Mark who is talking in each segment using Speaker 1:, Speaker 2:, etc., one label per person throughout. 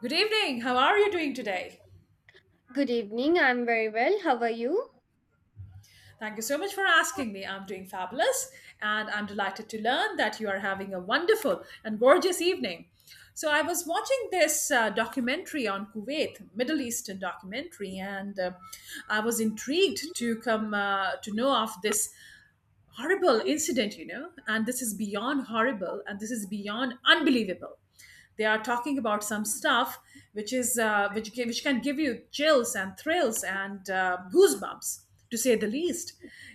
Speaker 1: Good evening. How are you doing today?
Speaker 2: Good evening. I'm very well. How are you?
Speaker 1: Thank you so much for asking me. I'm doing fabulous and I'm delighted to learn that you are having a wonderful and gorgeous evening. So, I was watching this documentary on Kuwait, Middle Eastern documentary, and I was intrigued to come to know of this horrible incident, you know, and this is beyond horrible and this is beyond unbelievable. They are talking about some stuff which is which can give you chills and thrills and goosebumps, to say the least,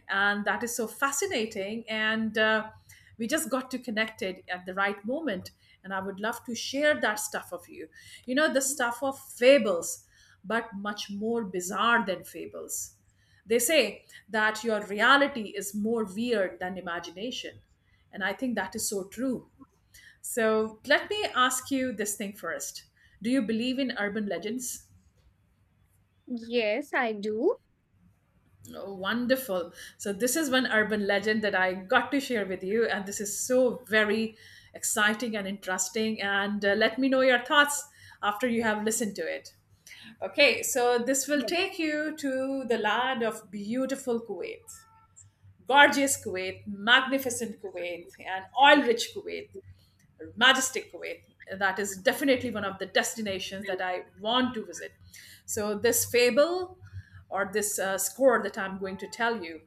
Speaker 1: and that is so fascinating. And we just got to connected at the right moment, and I would love to share that stuff of you. You know, the stuff of fables, but much more bizarre than fables. They say that your reality is more weird than imagination. And I think that is so true. So let me ask you this thing first. Do you believe in urban legends?
Speaker 2: Yes, I do.
Speaker 1: Oh, wonderful. So, this is one urban legend that I got to share with you, and this is so very exciting and interesting. And let me know your thoughts after you have listened to it. Okay, so this will take you to the land of beautiful Kuwait, gorgeous Kuwait, magnificent Kuwait, and oil rich Kuwait, majestic Kuwait. That is definitely one of the destinations that I want to visit. So, this fable or this score that I'm going to tell you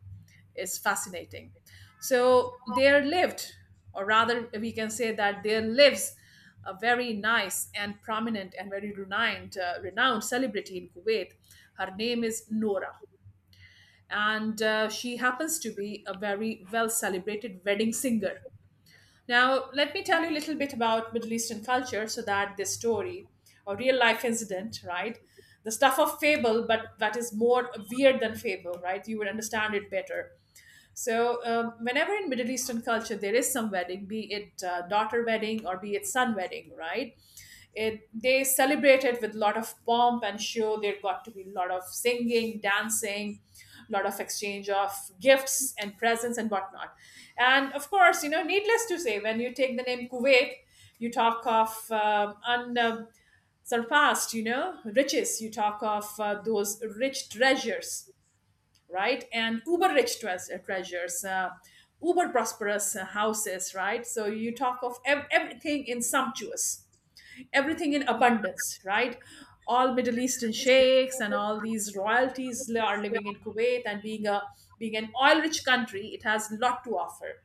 Speaker 1: is fascinating. So, there lived, or rather, we can say that there lives a very nice and prominent and very renowned, renowned celebrity in Kuwait. Her name is Nora and she happens to be a very well celebrated wedding singer. Now, let me tell you a little bit about Middle Eastern culture so that this story or real life incident, right? The stuff of fable, but that is more weird than fable, right? You would understand it better. So, whenever in Middle Eastern culture there is some wedding, be it daughter wedding or be it son wedding, right? They celebrate it with a lot of pomp and show. There got to be a lot of singing, dancing, a lot of exchange of gifts and presents and whatnot. And of course, you know, needless to say, when you take the name Kuwait, you talk of un. Surpassed, you know, riches. You talk of those rich treasures, right? And treasures, uber prosperous houses, right? So you talk of everything in sumptuous, everything in abundance, right? All Middle Eastern sheikhs and all these are living in Kuwait, and being an oil rich country, it has a lot to offer.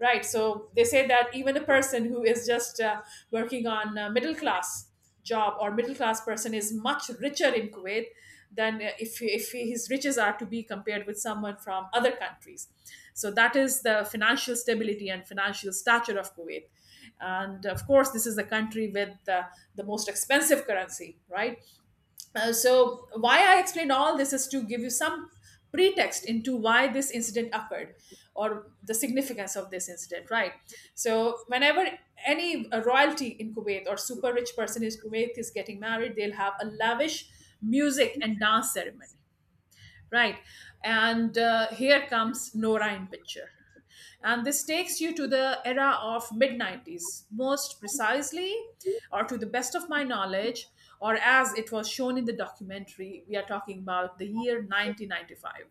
Speaker 1: Right, so they say that even a person who is just working on middle class job or middle class person is much richer in Kuwait than if his riches are to be compared with someone from other countries. So that is the financial stability and financial stature of Kuwait. And of course, this is the country with the most expensive currency, right? So why I explain all this is to give you some pretext into why this incident occurred, or the significance of this incident, right? So whenever any royalty in Kuwait or super rich person in Kuwait is getting married, they'll have a lavish music and dance ceremony, right? And here comes Nora in picture. And this takes you to the era of mid 90s, most precisely, or to the best of my knowledge, or as it was shown in the documentary, we are talking about the year 1995.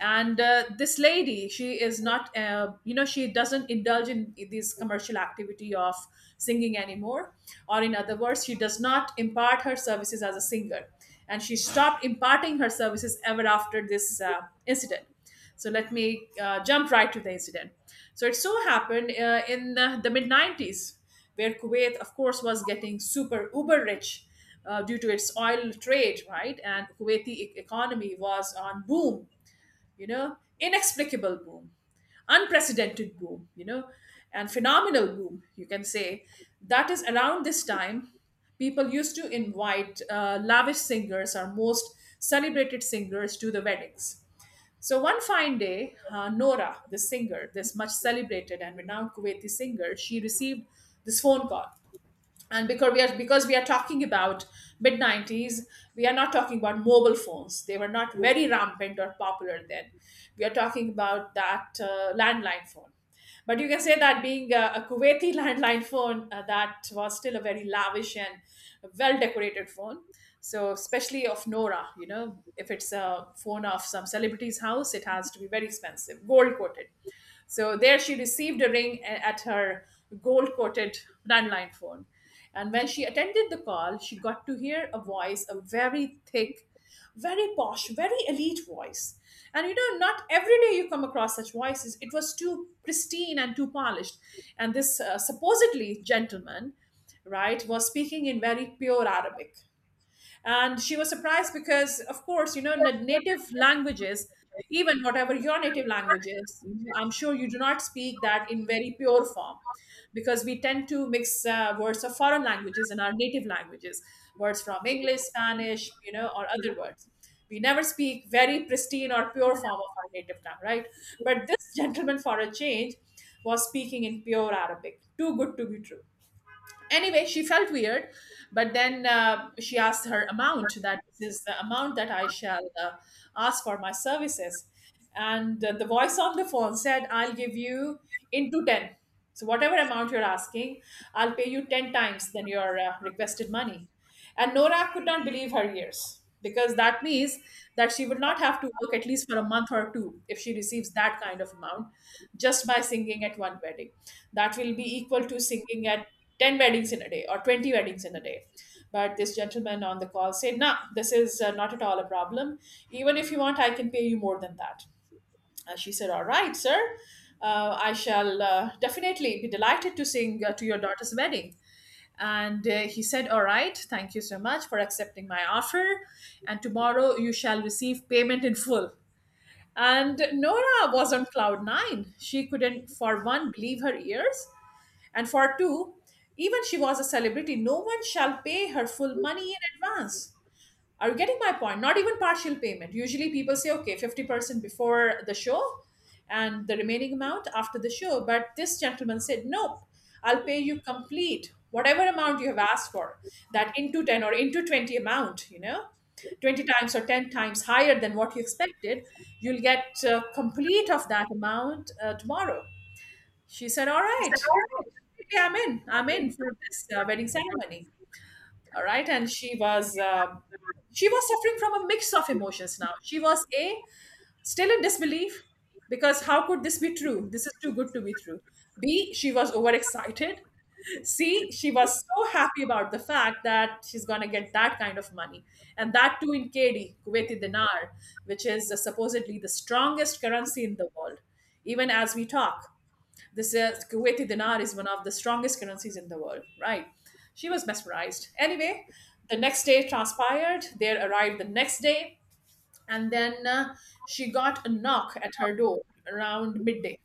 Speaker 1: And this lady, she is not you know, she doesn't indulge in this commercial activity of singing anymore, or in other words, she does not impart her services as a singer, and she stopped imparting her services ever after this incident. So let me jump right to the incident. So it so happened in the mid 90s, where Kuwait of course was getting super uber rich due to its oil trade, right? And economy was on boom, you know, inexplicable boom, unprecedented boom, you know, and phenomenal boom, you can say. That is around this time, people used to invite lavish singers or most celebrated singers to the weddings. So one fine day, Nora, the singer, this much celebrated and renowned Kuwaiti singer, she received this phone call. And because we are talking about mid 90s, we are not talking about mobile phones, they were not very rampant or popular then. We are talking about that landline phone, but you can say that being a Kuwaiti landline phone, that was still a very lavish and well decorated phone. So especially of Nora, you know, if it's a phone of some celebrity's house, it has to be very expensive, gold coated. So there she received a ring at her gold coated landline phone. And when she attended the call, she got to hear a voice, a very thick, very posh, very elite voice. And you know, not every day you come across such voices. It was too pristine and too polished. And this supposedly gentleman, right, was speaking in very pure Arabic, and she was surprised because of course, you know, in the native languages, even whatever your native language is, I'm sure you do not speak that in very pure form, because we tend to mix words of foreign languages in our native languages, words from English, Spanish, you know, or other words. We never speak very pristine or pure form of our native tongue, right? But this gentleman, for a change, was speaking in pure Arabic, too good to be true. Anyway, she felt weird, but then she asked her amount, that is the amount that I shall ask for my services. And the voice on the phone said, I'll give you into 10. So whatever amount you're asking, I'll pay you 10 times than your requested money. And Nora could not believe her ears, because that means that she would not have to work at least for a month or two if she receives that kind of amount just by singing at one wedding. That will be equal to singing at 10 weddings in a day or 20 weddings in a day. But this gentleman on the call said, "No, this is not at all a problem. Even if you want, I can pay you more than that." She said, "All right, sir, I shall definitely be delighted to sing to your daughter's wedding." And he said, "All right, thank you so much for accepting my offer. And tomorrow you shall receive payment in full." And Nora was on cloud nine. She couldn't, for one, believe her ears. And for two, even she was a celebrity, no one shall pay her full money in advance. Are you getting my point? Not even partial payment. Usually people say, okay, 50% before the show and the remaining amount after the show. But this gentleman said, nope, I'll pay you complete, whatever amount you have asked for, that into 10 or into 20 amount, you know, 20 times or 10 times higher than what you expected. You'll get complete of that amount tomorrow. She said, all right, okay, I'm in. I'm in for this wedding ceremony. All right. And she was suffering from a mix of emotions. Now, she was a, still in disbelief, because how could this be true, this is too good to be true. B, she was overexcited. C, she was so happy about the fact that she's going to get that kind of money, and that too in KD, Kuwaiti dinar, which is supposedly the strongest currency in the world. Even as we talk, this is Kuwaiti dinar is one of the strongest currencies in the world, right? She was mesmerized. Anyway, the next day transpired. They arrived the next day, and then she got a knock at her door around midday,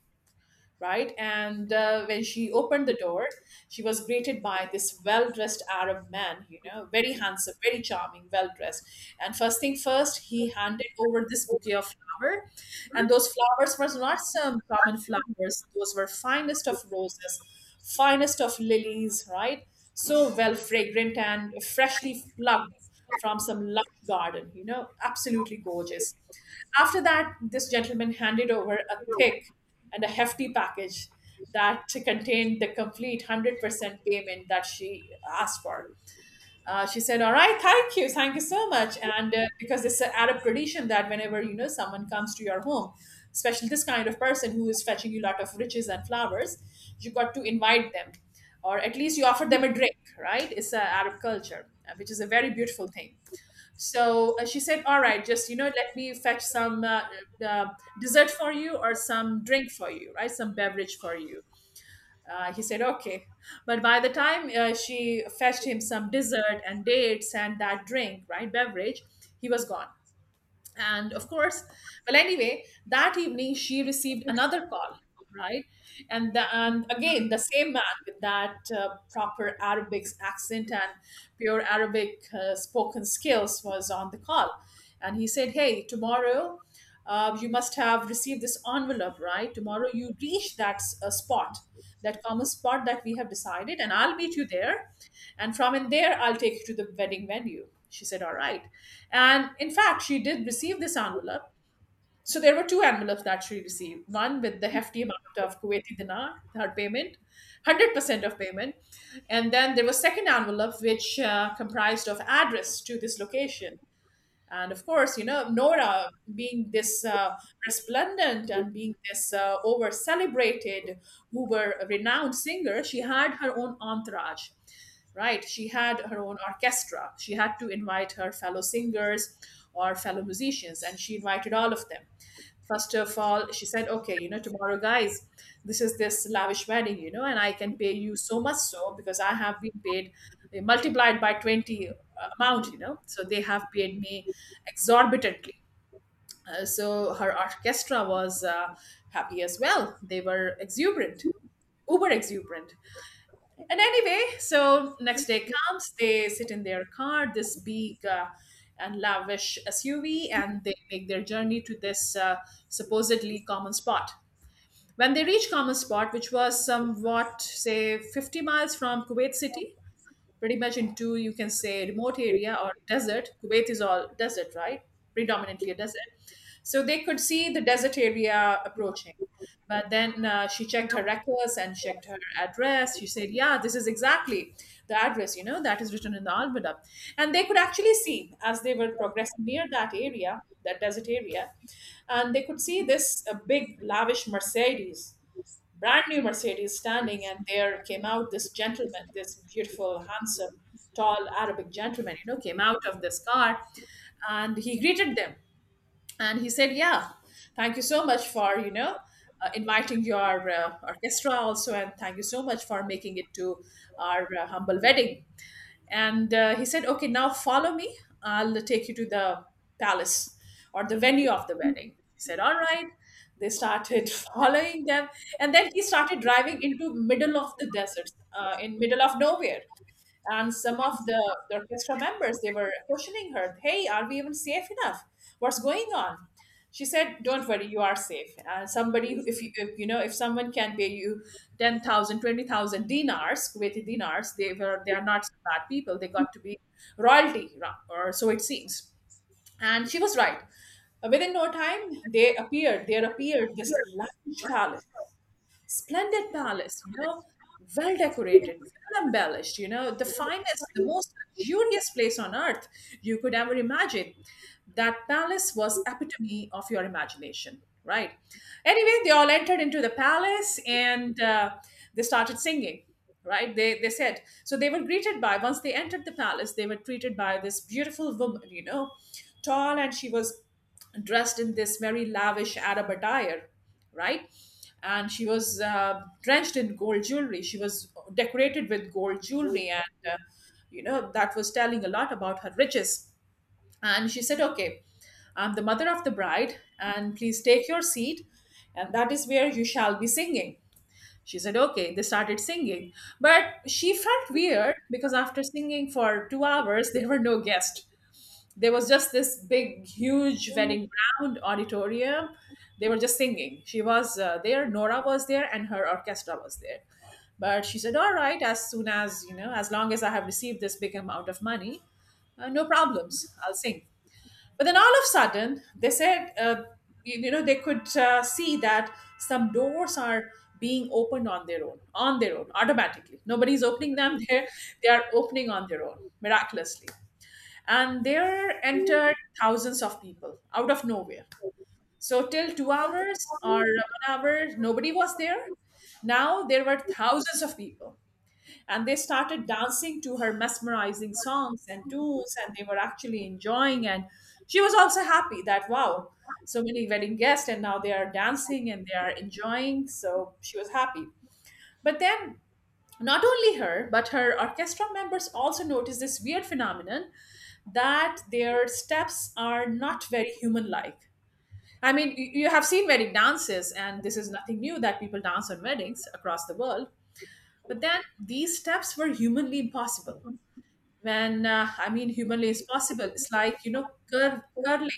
Speaker 1: right? And when she opened the door, she was greeted by this well dressed Arab man, you know, very handsome, very charming, well dressed. And first thing first, he handed over this bouquet of flower. And those flowers were not some common flowers, those were finest of roses, finest of lilies, right? So well fragrant and freshly plucked from some lush garden, you know, absolutely gorgeous. After that, this gentleman handed over a thick and a hefty package that contained the complete 100% payment that she asked for. She said, "All right, thank you so much." And Because it's an Arab tradition that whenever, you know, someone comes to your home, especially this kind of person who is fetching you a lot of riches and flowers, you got to invite them, or at least you offer them a drink. Right? It's an Arab culture, which is a very beautiful thing. So she said, "All right, just, you know, let me fetch some uh, dessert for you or some drink for you, right? Some beverage for you." He said, "Okay," but by the time she fetched him some dessert and dates and that drink, right, beverage, he was gone. And of course, well, anyway, that evening she received another call, right. And again the same man with that proper Arabic accent and pure Arabic spoken skills was on the call. And he said, "Hey, tomorrow you must have received this envelope, right? Tomorrow you reach that spot, that common spot that we have decided, and I'll meet you there. And from in there, I'll take you to the wedding venue." She said, "All right." And in fact, she did receive this envelope. So there were two envelopes that she received, one with the hefty amount of Kuwaiti dinar, her payment, 100% of payment. And then there was second envelope, which comprised of address to this location. And of course, you know, Nora, being this resplendent and being this over celebrated, uber renowned singer, she had her own entourage, right? She had her own orchestra. She had to invite her fellow singers or fellow musicians, and she invited all of them. First of all, she said, "Okay, you know, tomorrow, guys, this is this lavish wedding, you know, and I can pay you so much so because I have been paid multiplied by 20 amount, you know. So they have paid me exorbitantly." So her orchestra was happy as well. They were exuberant, uber exuberant. And anyway, so next day comes, they sit in their car, this big and lavish SUV, and they make their journey to this supposedly common spot. When they reach common spot, which was somewhat, say, 50 miles from Kuwait City, pretty much into, you can say, remote area or desert. Kuwait is all desert, right? Predominantly a desert. So they could see the desert area approaching, but then she checked her records and checked her address. She said, "Yeah, this is exactly the address, you know, that is written in the almanac." And they could actually see, as they were progressing near that area, that desert area, and they could see this big, lavish Mercedes, brand new Mercedes standing, and there came out this gentleman, this beautiful, handsome, tall Arabic gentleman, you know, came out of this car. And he greeted them and he said, "Yeah, thank you so much for, you know, inviting your orchestra also, and thank you so much for making it to our humble wedding." And he said, "Okay, now follow me. I'll take you to the palace or the venue of the wedding." He said, "All right." They started following them. And then he started driving into middle of the desert, in middle of nowhere. And some of the orchestra members, they were questioning her, "Hey, are we even safe enough? What's going on?" She said, "Don't worry, you are safe. And somebody who- if, you know, if someone can pay you 10,000, 20,000 dinars, Kuwaiti dinars, they are not so bad people. They got to be royalty, or so it seems." And she was right. Within no time, they appeared there appeared this large palace. Splendid palace, you know, well decorated, well embellished, you know, the finest, the most luxurious place on earth you could ever imagine. That palace was epitome of your imagination, right? Anyway, they all entered into the palace, and they started singing. Right they said so They were greeted by, once they entered the palace, they were treated by this beautiful woman, you know, tall. And she was dressed in this very lavish Arab attire, right? And she was drenched in gold jewelry. She was decorated with gold jewelry, and you know, that was telling a lot about her riches. And she said, "Okay, I'm the mother of the bride, and please take your seat, and that is where you shall be singing." She said, "Okay." They started singing, but she felt weird because after singing for 2 hours, there were no guests. There was just this big, huge wedding ground auditorium. They were just singing. She was there Nora was there, and her orchestra was there. But she said, "All right, as soon as, you know, as long as I have received this big amount of money, no problems, I'll sing." But then, all of a sudden, they said, you, you know, they could see that some doors are being opened on their own, on their own, automatically, nobody's opening them. They are opening on their own, miraculously. And there entered thousands of people out of nowhere. So till 2 hours or one hour, nobody was there. Now there were thousands of people, and they started dancing to her mesmerizing songs and tunes, and they were actually enjoying. And she was also happy that wow, so many wedding guests, and now they are dancing and they are enjoying. So she was happy. But then, not only her, but her orchestra members also noticed this weird phenomenon that their steps are not very human like. I mean, you have seen wedding dances, and this is nothing new, that people dance on weddings across the world. But then these steps were humanly impossible. When I mean, humanly is possible, it's like, you know, curve, curling.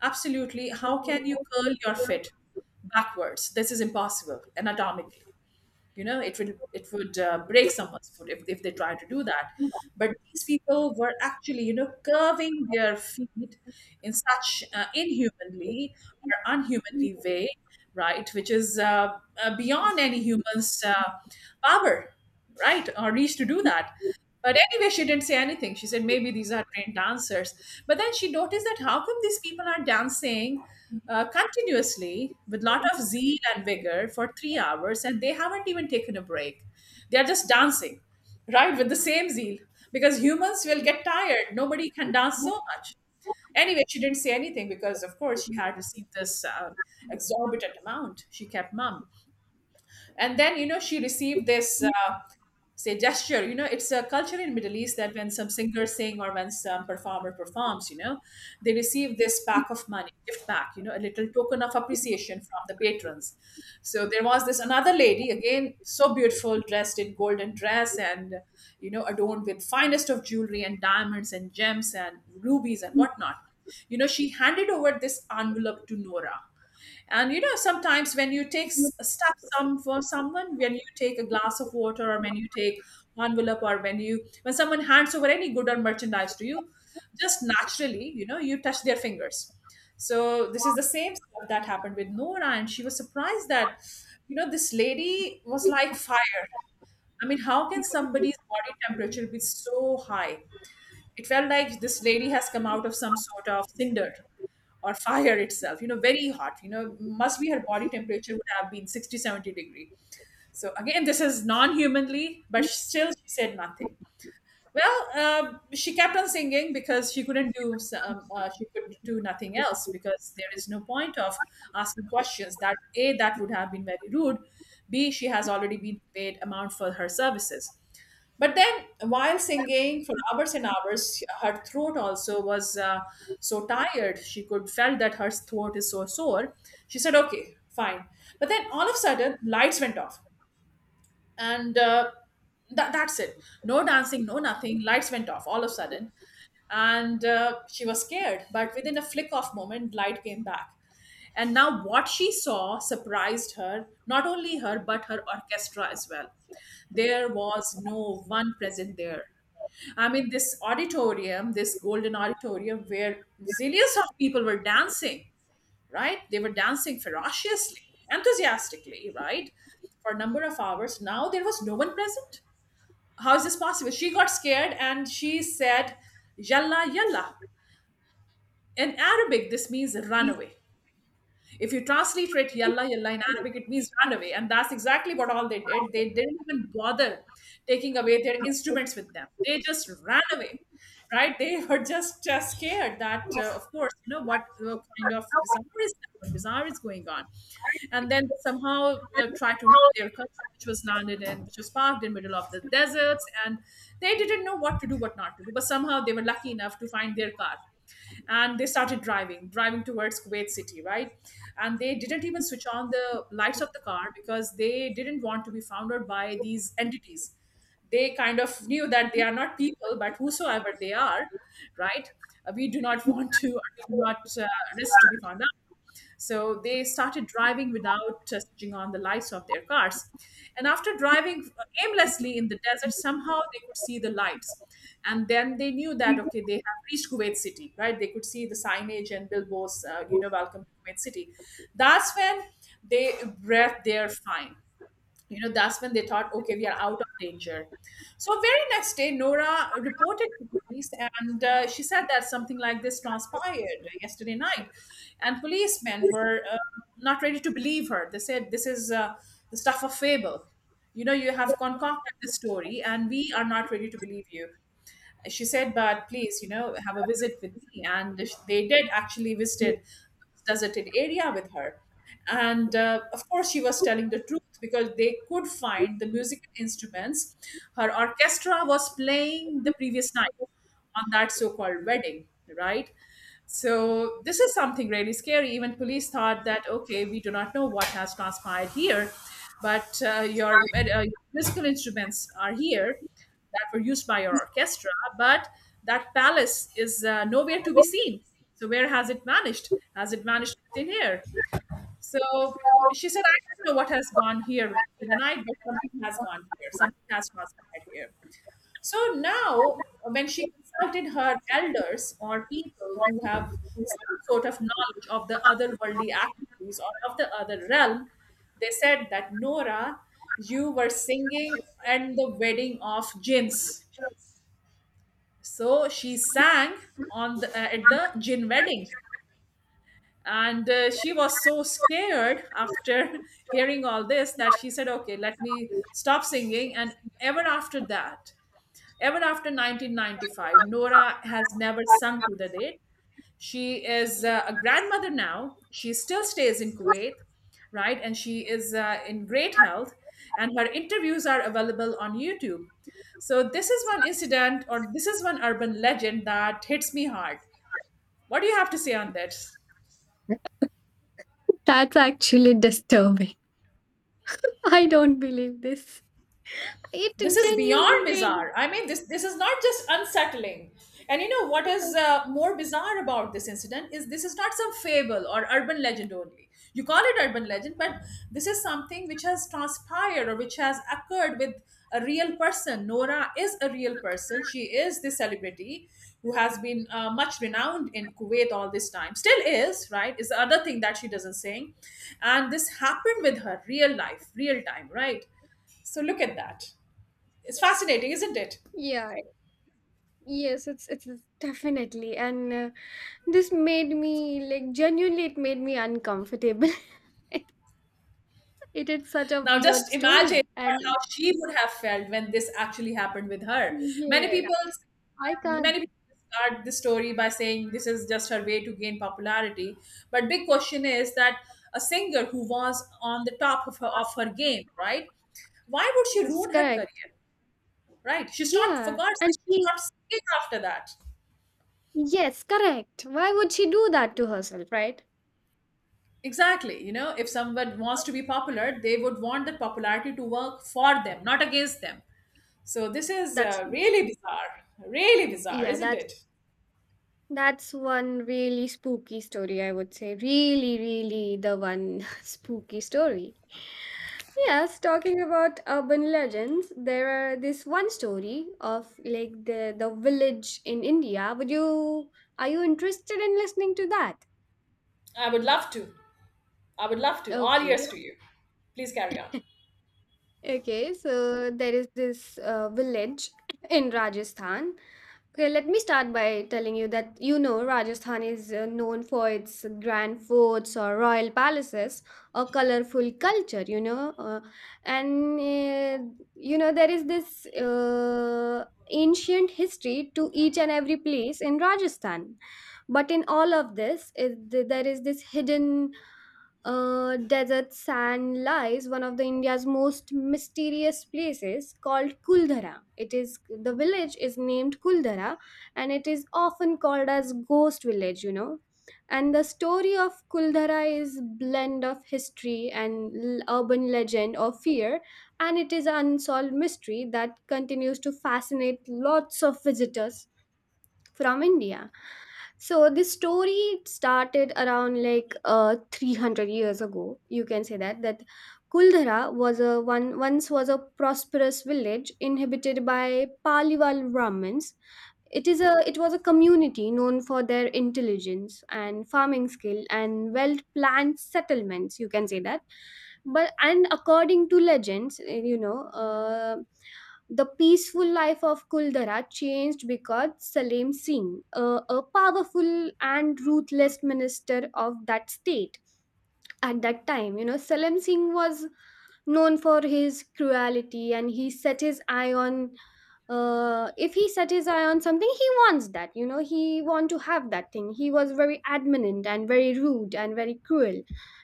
Speaker 1: Absolutely. How can you curl your foot backwards? This is impossible anatomically. You know, it would break someone's foot if they try to do that. But these people were actually, you know, curving their feet in such inhumanly or unhumanly way, right, which is beyond any human's power, right, or reach to do that. But anyway, she didn't say anything. She said, "Maybe these are trained dancers." But then she noticed that how come these people are dancing continuously with lot of zeal and vigor for 3 hours, and they haven't even taken a break. They are just dancing, right, with the same zeal, because humans will get tired. Nobody can dance so much. Anyway, she didn't say anything because of course she had received this exorbitant amount. She kept mum. And then, you know, she received this say, gesture. You know, it's a culture in Middle East that when some singer sing or when some performer performs, you know, they receive this pack of money, gift pack, you know, a little token of appreciation from the patrons. So there was this another lady, again, so beautiful, dressed in golden dress, and, you know, adorned with finest of jewelry and diamonds and gems and rubies and whatnot. You know, she handed over this envelope to Nora. And, you know, sometimes when you take stuff some for someone, when you take a glass of water, or when you take envelope, or when you, when someone hands over any good or merchandise to you, just naturally, you know, you touch their fingers. So this is the same stuff that happened with Nora, and she was surprised that, you know, this lady was like fire. I mean, how can somebody's body temperature be so high? It felt like this lady has come out of some sort of cinder or fire itself. You know, very hot, you know, must be her body temperature would have been 60, 70 degree. So again, this is non-humanly, but still she said nothing. Well, she kept on singing because she couldn't do some, she could do nothing else, because there is no point of asking questions. That, A, that would have been very rude. B, she has already been paid amount for her services. But then, while singing for hours and hours, her throat also was so tired. She could felt that her throat is so sore. She said, "Okay, fine." But then, all of a sudden, lights went off, and that's it. No dancing, no nothing. Lights went off all of a sudden. And she was scared, but within a flick of moment, light came back. And now what she saw surprised her, not only her, but her orchestra as well. There was no one present there. I mean, this auditorium, this golden auditorium where zillions of people were dancing, right? They were dancing ferociously, enthusiastically, right? For a number of hours. Now there was no one present. How is this possible? She got scared and she said, "Yalla, yalla." In Arabic, this means run away. If you translate it yalla yalla in Arabic, it means run away. And that's exactly what all they did. They didn't even bother taking away their instruments with them. They just ran away. Right? They were just scared that, of course, you know, what kind of bizarre is that? What bizarre is going on? And then they somehow tried to reach their car, which was parked in middle of the deserts. And they didn't know what to do, what not to do. But somehow they were lucky enough to find their car, and they started driving towards Kuwait City, right? And they didn't even switch on the lights of the car because they didn't want to be found out by these entities. They kind of knew that they are not people, but whosoever they are, right. We do not want to we do not risk to be found out. So they started driving without switching on the lights of their cars. And after driving aimlessly in the desert, somehow they could see the lights. And then they knew that, okay, they have reached Kuwait City, right? They could see the signage and billboards, you know, welcome to Kuwait City. That's when they read their fine, you know. That's when they thought, okay, we are out of danger. So very next day, Nora reported to police, and she said that something like this transpired yesterday night. And policemen were not ready to believe her. They said, this is the stuff of fable. You know, you have concocted this story and we are not ready to believe you. She said, but please, you know, have a visit with me. And they did actually visited deserted area with her. And of course, she was telling the truth because they could find the musical instruments. Her orchestra was playing the previous night on that so-called wedding, right? So this is something really scary. Even police thought that, okay, we do not know what has transpired here, but your musical instruments are here that were used by your orchestra, but that palace is nowhere to be seen. So where has it vanished? Has it vanished within here? So she said, I don't know what has gone here in the night, but something has gone here. Something has transpired here. So now, when she consulted her elders or people who have some sort of knowledge of the otherworldly activities or of the other realm, they said that, Nora, you were singing at the wedding of jinns. So she sang on the, at the jinn wedding. And she was so scared after hearing all this that she said, okay, let me stop singing. And ever after 1995, Nora has never sunk to the date. She is a grandmother now. She still stays in Kuwait, right? And she is in great health, and her interviews are available on YouTube. So, this is one incident, or this is one urban legend that hits me hard. What do you have to say on that?
Speaker 2: That's actually disturbing. I don't believe this. It
Speaker 1: This is
Speaker 2: genuinely
Speaker 1: beyond
Speaker 2: made.
Speaker 1: bizarre. I mean, this is not just unsettling. And you know what is
Speaker 2: Yes.
Speaker 1: more bizarre about this incident is, this is not some fable or urban legend only. You call it urban legend, but this is something which has transpired or which has occurred with a real person. Nora is a real person. She is this celebrity who has been much renowned in Kuwait all this time, still is, right? Is the other thing that she doesn't sing, and this happened with her, real life, real time, right? So look at that. It's fascinating, isn't it?
Speaker 2: Yeah. Yes, it's definitely and this made me like genuinely it made me uncomfortable. it, it is such a
Speaker 1: Now,
Speaker 2: weird
Speaker 1: just imagine
Speaker 2: story
Speaker 1: how
Speaker 2: and
Speaker 1: she would have felt when this actually happened with her. Many
Speaker 2: yeah,
Speaker 1: people,
Speaker 2: I can't.
Speaker 1: many people discard the story by saying this is just her way to gain popularity. But big question is that, a singer who was on the top of her game, right? Why would she
Speaker 2: Yes,
Speaker 1: ruin her
Speaker 2: correct.
Speaker 1: career? Right? She's not, for
Speaker 2: Yeah.
Speaker 1: God's
Speaker 2: And
Speaker 1: sake, she's
Speaker 2: she
Speaker 1: not singing after that.
Speaker 2: yes, correct. Why would she do that to herself, right?
Speaker 1: Exactly. You know, if someone wants to be popular, they would want the popularity to work for them, not against them. So this is
Speaker 2: That's
Speaker 1: really bizarre,
Speaker 2: yeah,
Speaker 1: isn't it?
Speaker 2: that's one really spooky story, I would say. Really, really the one spooky story. Yes, talking about urban legends, there are this one story of like the village in India. Would you are you interested in listening to that?
Speaker 1: I would love to. I would love to. All
Speaker 2: Okay.
Speaker 1: ears to you. Please carry on.
Speaker 2: Okay, so there is this village in Rajasthan. Okay, let me start by telling you that you know Rajasthan is known for its grand forts or royal palaces or colorful culture, you know. And You know, there is this ancient history to each and every place in Rajasthan. But in all of this, there is this hidden, desert sand lies one of the India's most mysterious places called Kuldhara. It is, the village is named Kuldhara, and it is often called as ghost village. You know, and the story of Kuldhara is blend of history and urban legend or fear, and it is an unsolved mystery that continues to fascinate lots of visitors from India. So this story started around like 300 years ago. You can say that Kuldhara was a one once was a prosperous village inhabited by Paliwal Brahmins. It is, a it was a community known for their intelligence and farming skill and well planned settlements. You can say that, but and according to legends, the peaceful life of Kuldara changed because Salim Singh, a powerful and ruthless minister of that state at that time, you know, Salim Singh was known for his cruelty and he set his eye on, if he set his eye on something he wants that, you know, he want to have that thing. He was very adamant and very rude and very cruel,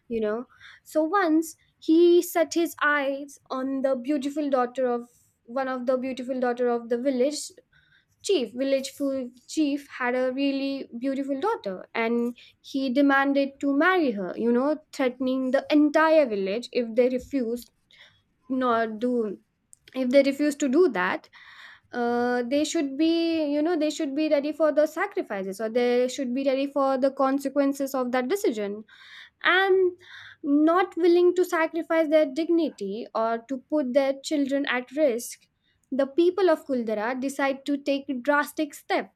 Speaker 2: you know. So once he set his eyes on the beautiful daughter of, one of the beautiful daughter of the village chief, village chief had a really beautiful daughter and he demanded to marry her, you know, threatening the entire village if they refused, not do if they refuse to do that, they should be, you know, they should be ready for the sacrifices or they should be ready for the consequences of that decision. And not willing to sacrifice their dignity or to put their children at risk, the people of Kuldara decide to take drastic steps.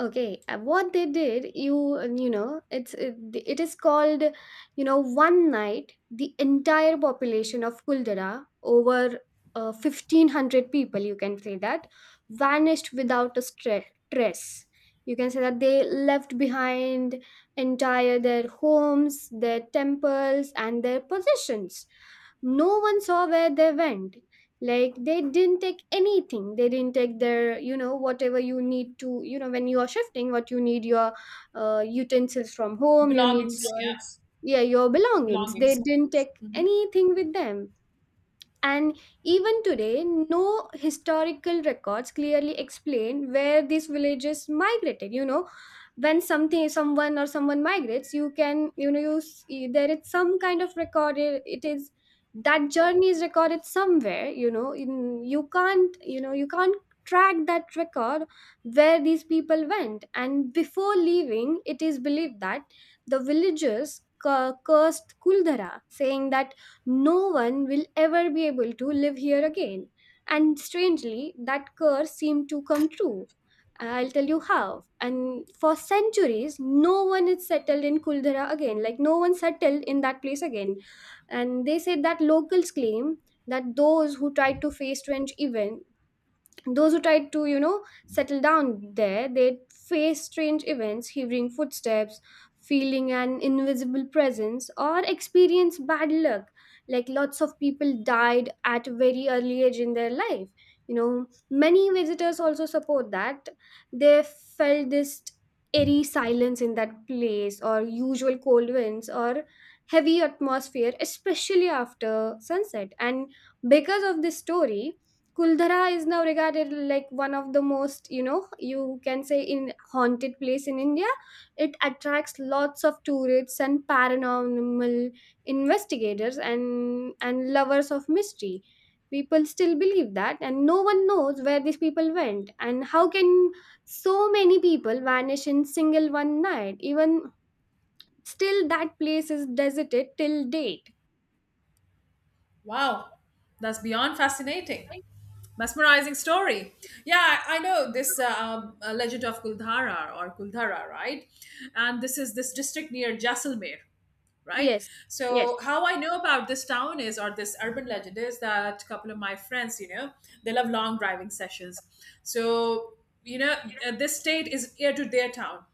Speaker 2: Okay, what they did, you know, it is called, you know, one night the entire population of Kuldara, over 1,500 people, you can say that, vanished without a trace. You can say that they left behind entire their homes, their temples, and their possessions. No one saw where they went. Like, they didn't take anything. They didn't take their, you know, whatever you need to, you know, when you are shifting, what you need, your, utensils from home, you need
Speaker 1: Belongings,
Speaker 2: your,
Speaker 1: yeah,
Speaker 2: yeah, your belongings. They
Speaker 1: belongings.
Speaker 2: didn't take anything with them. And even today, no historical records clearly explain where these villages migrated. You know, when something, someone or someone migrates, you can, you know, you see, there is some kind of record. It is that journey is recorded somewhere. You know, in, you can't, you know, you can't track that record where these people went. And before leaving, it is believed that the villagers cursed Kuldhara, saying that no one will ever be able to live here again. And strangely, that curse seemed to come true. I'll tell you how. And for centuries, no one is settled in Kuldhara again. Like, no one settled in that place again. And they said that locals claim that those who tried to, you know, settle down there, they faced strange events, hearing footsteps, feeling an invisible presence, or experienced bad luck. Like lots of people died at a very early age in their life. You know, many visitors also support that they felt this eerie silence in that place, or usual cold winds, or heavy atmosphere, especially after sunset. And because of this story, Kuldhara is now regarded like one of the most, you know, you can say in haunted place in India. It attracts lots of tourists and paranormal investigators and lovers of mystery. People still believe that, and no one knows where these people went and how can so many people vanish in single one night. Even still, that place is deserted till date.
Speaker 1: Wow, that's beyond fascinating. Mesmerizing story. Yeah, I know this legend of Kuldhara or Kuldhara, right? And this is this district near Jaisalmer, right.
Speaker 2: Yes.
Speaker 1: So
Speaker 2: Yes.
Speaker 1: how I know about this town is, or this urban legend is, that a couple of my friends, you know, they love long driving sessions. So, you know, this state is near to their town,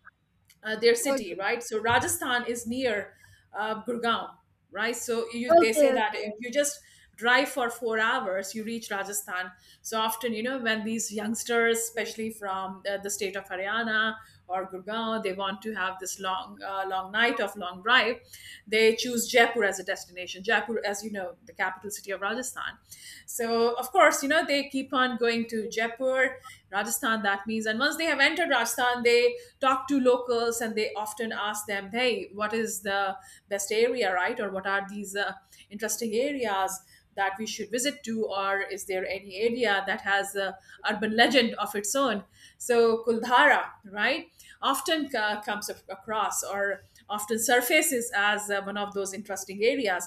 Speaker 1: their
Speaker 2: Okay.
Speaker 1: city, right? So Rajasthan is near Gurgaon, right? So you, they say
Speaker 2: Okay.
Speaker 1: that if
Speaker 2: Okay.
Speaker 1: you just drive for 4 hours, you reach Rajasthan. So often, you know, when these youngsters, especially from the state of Haryana or Gurgaon, they want to have this long, long night of long drive, they choose Jaipur as a destination. Jaipur, as you know, the capital city of Rajasthan. So of course, you know, they keep on going to Jaipur, Rajasthan, that means. And once they have entered Rajasthan, they talk to locals and they often ask them, hey, what is the best area, right? Or what are these interesting areas that we should visit to? Or is there any area that has a urban legend of its own? So, Kuldhara, right, often comes across or often surfaces as one of those interesting areas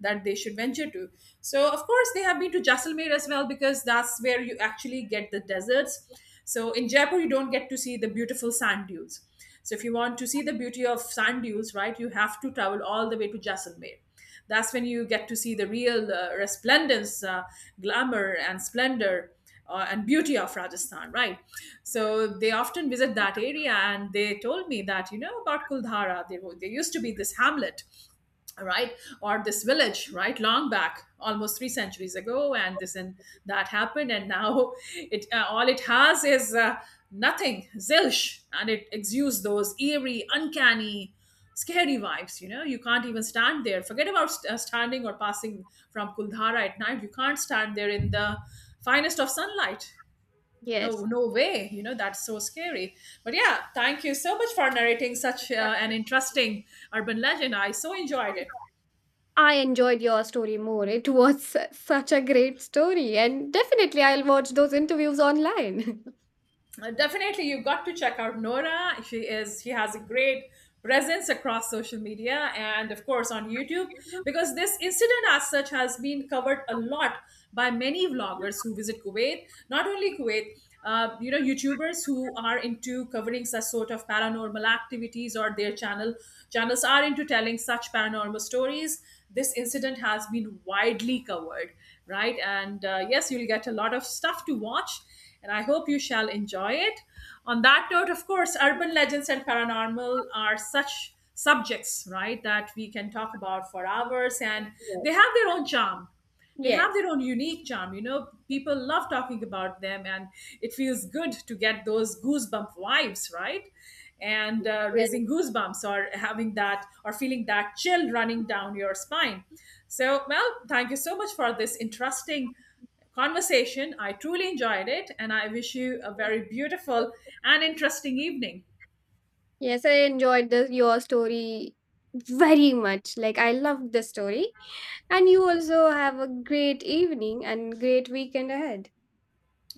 Speaker 1: that they should venture to. So, of course, they have been to Jaisalmer as well because that's where you actually get the deserts. So, in Jaipur, you don't get to see the beautiful sand dunes. So, if you want to see the beauty of sand dunes, right, you have to travel all the way to Jaisalmer. That's when you get to see the real resplendence, glamour, and splendor and beauty of Rajasthan, right? So they often visit that area, and they told me that, you know, about Kuldhara, there, there used to be this hamlet, right, or this village, right, long back almost three centuries ago, and this, and that happened, and now it, all it has is nothing, zilch, and it exudes those eerie, uncanny, scary vibes. You know, you can't even stand there, forget about standing or passing from Kuldhara at night. You can't stand there in the finest of sunlight. No,
Speaker 2: Yes.
Speaker 1: no way, you know, that's so scary. But yeah, thank you so much for narrating such an interesting urban legend. I so enjoyed it.
Speaker 2: I enjoyed your story more. It was such a great story, and definitely I'll watch those interviews online.
Speaker 1: Definitely you've got to check out Nora. She is she has a great presence across social media and of course on YouTube, because this incident as such has been covered a lot by many vloggers who visit Kuwait, not only Kuwait. You know, YouTubers who are into covering such sort of paranormal activities, or their channels are into telling such paranormal stories, this incident has been widely covered, right? And yes, you'll get a lot of stuff to watch, and I hope you shall enjoy it. On that note, of course, urban legends and paranormal are such subjects, right, that we can talk about for hours, and they have their own charm. They
Speaker 2: Yes.
Speaker 1: have their own unique charm. You know, people love talking about them, and it feels good to get those goosebump vibes, right? And
Speaker 2: Yes.
Speaker 1: raising goosebumps, or having that, or feeling that chill running down your spine. So, Mel, thank you so much for this interesting conversation. I truly enjoyed it, and I wish you a very beautiful and interesting evening.
Speaker 2: Yes, I enjoyed your story very much. Like, I loved the story. And you also have a great evening and great weekend ahead.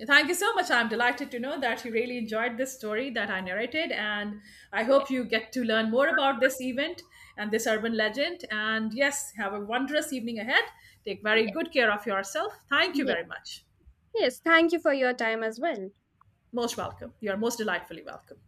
Speaker 1: Thank you so much. I'm delighted to know that you really enjoyed this story that I narrated, and I
Speaker 2: Yes.
Speaker 1: hope you get to learn more about this event and this urban legend. And yes, have a wondrous evening ahead. Take very good care of yourself. Thank you
Speaker 2: Yes,
Speaker 1: very much.
Speaker 2: yes. Thank you for your time as well.
Speaker 1: Most welcome. You are most delightfully welcome.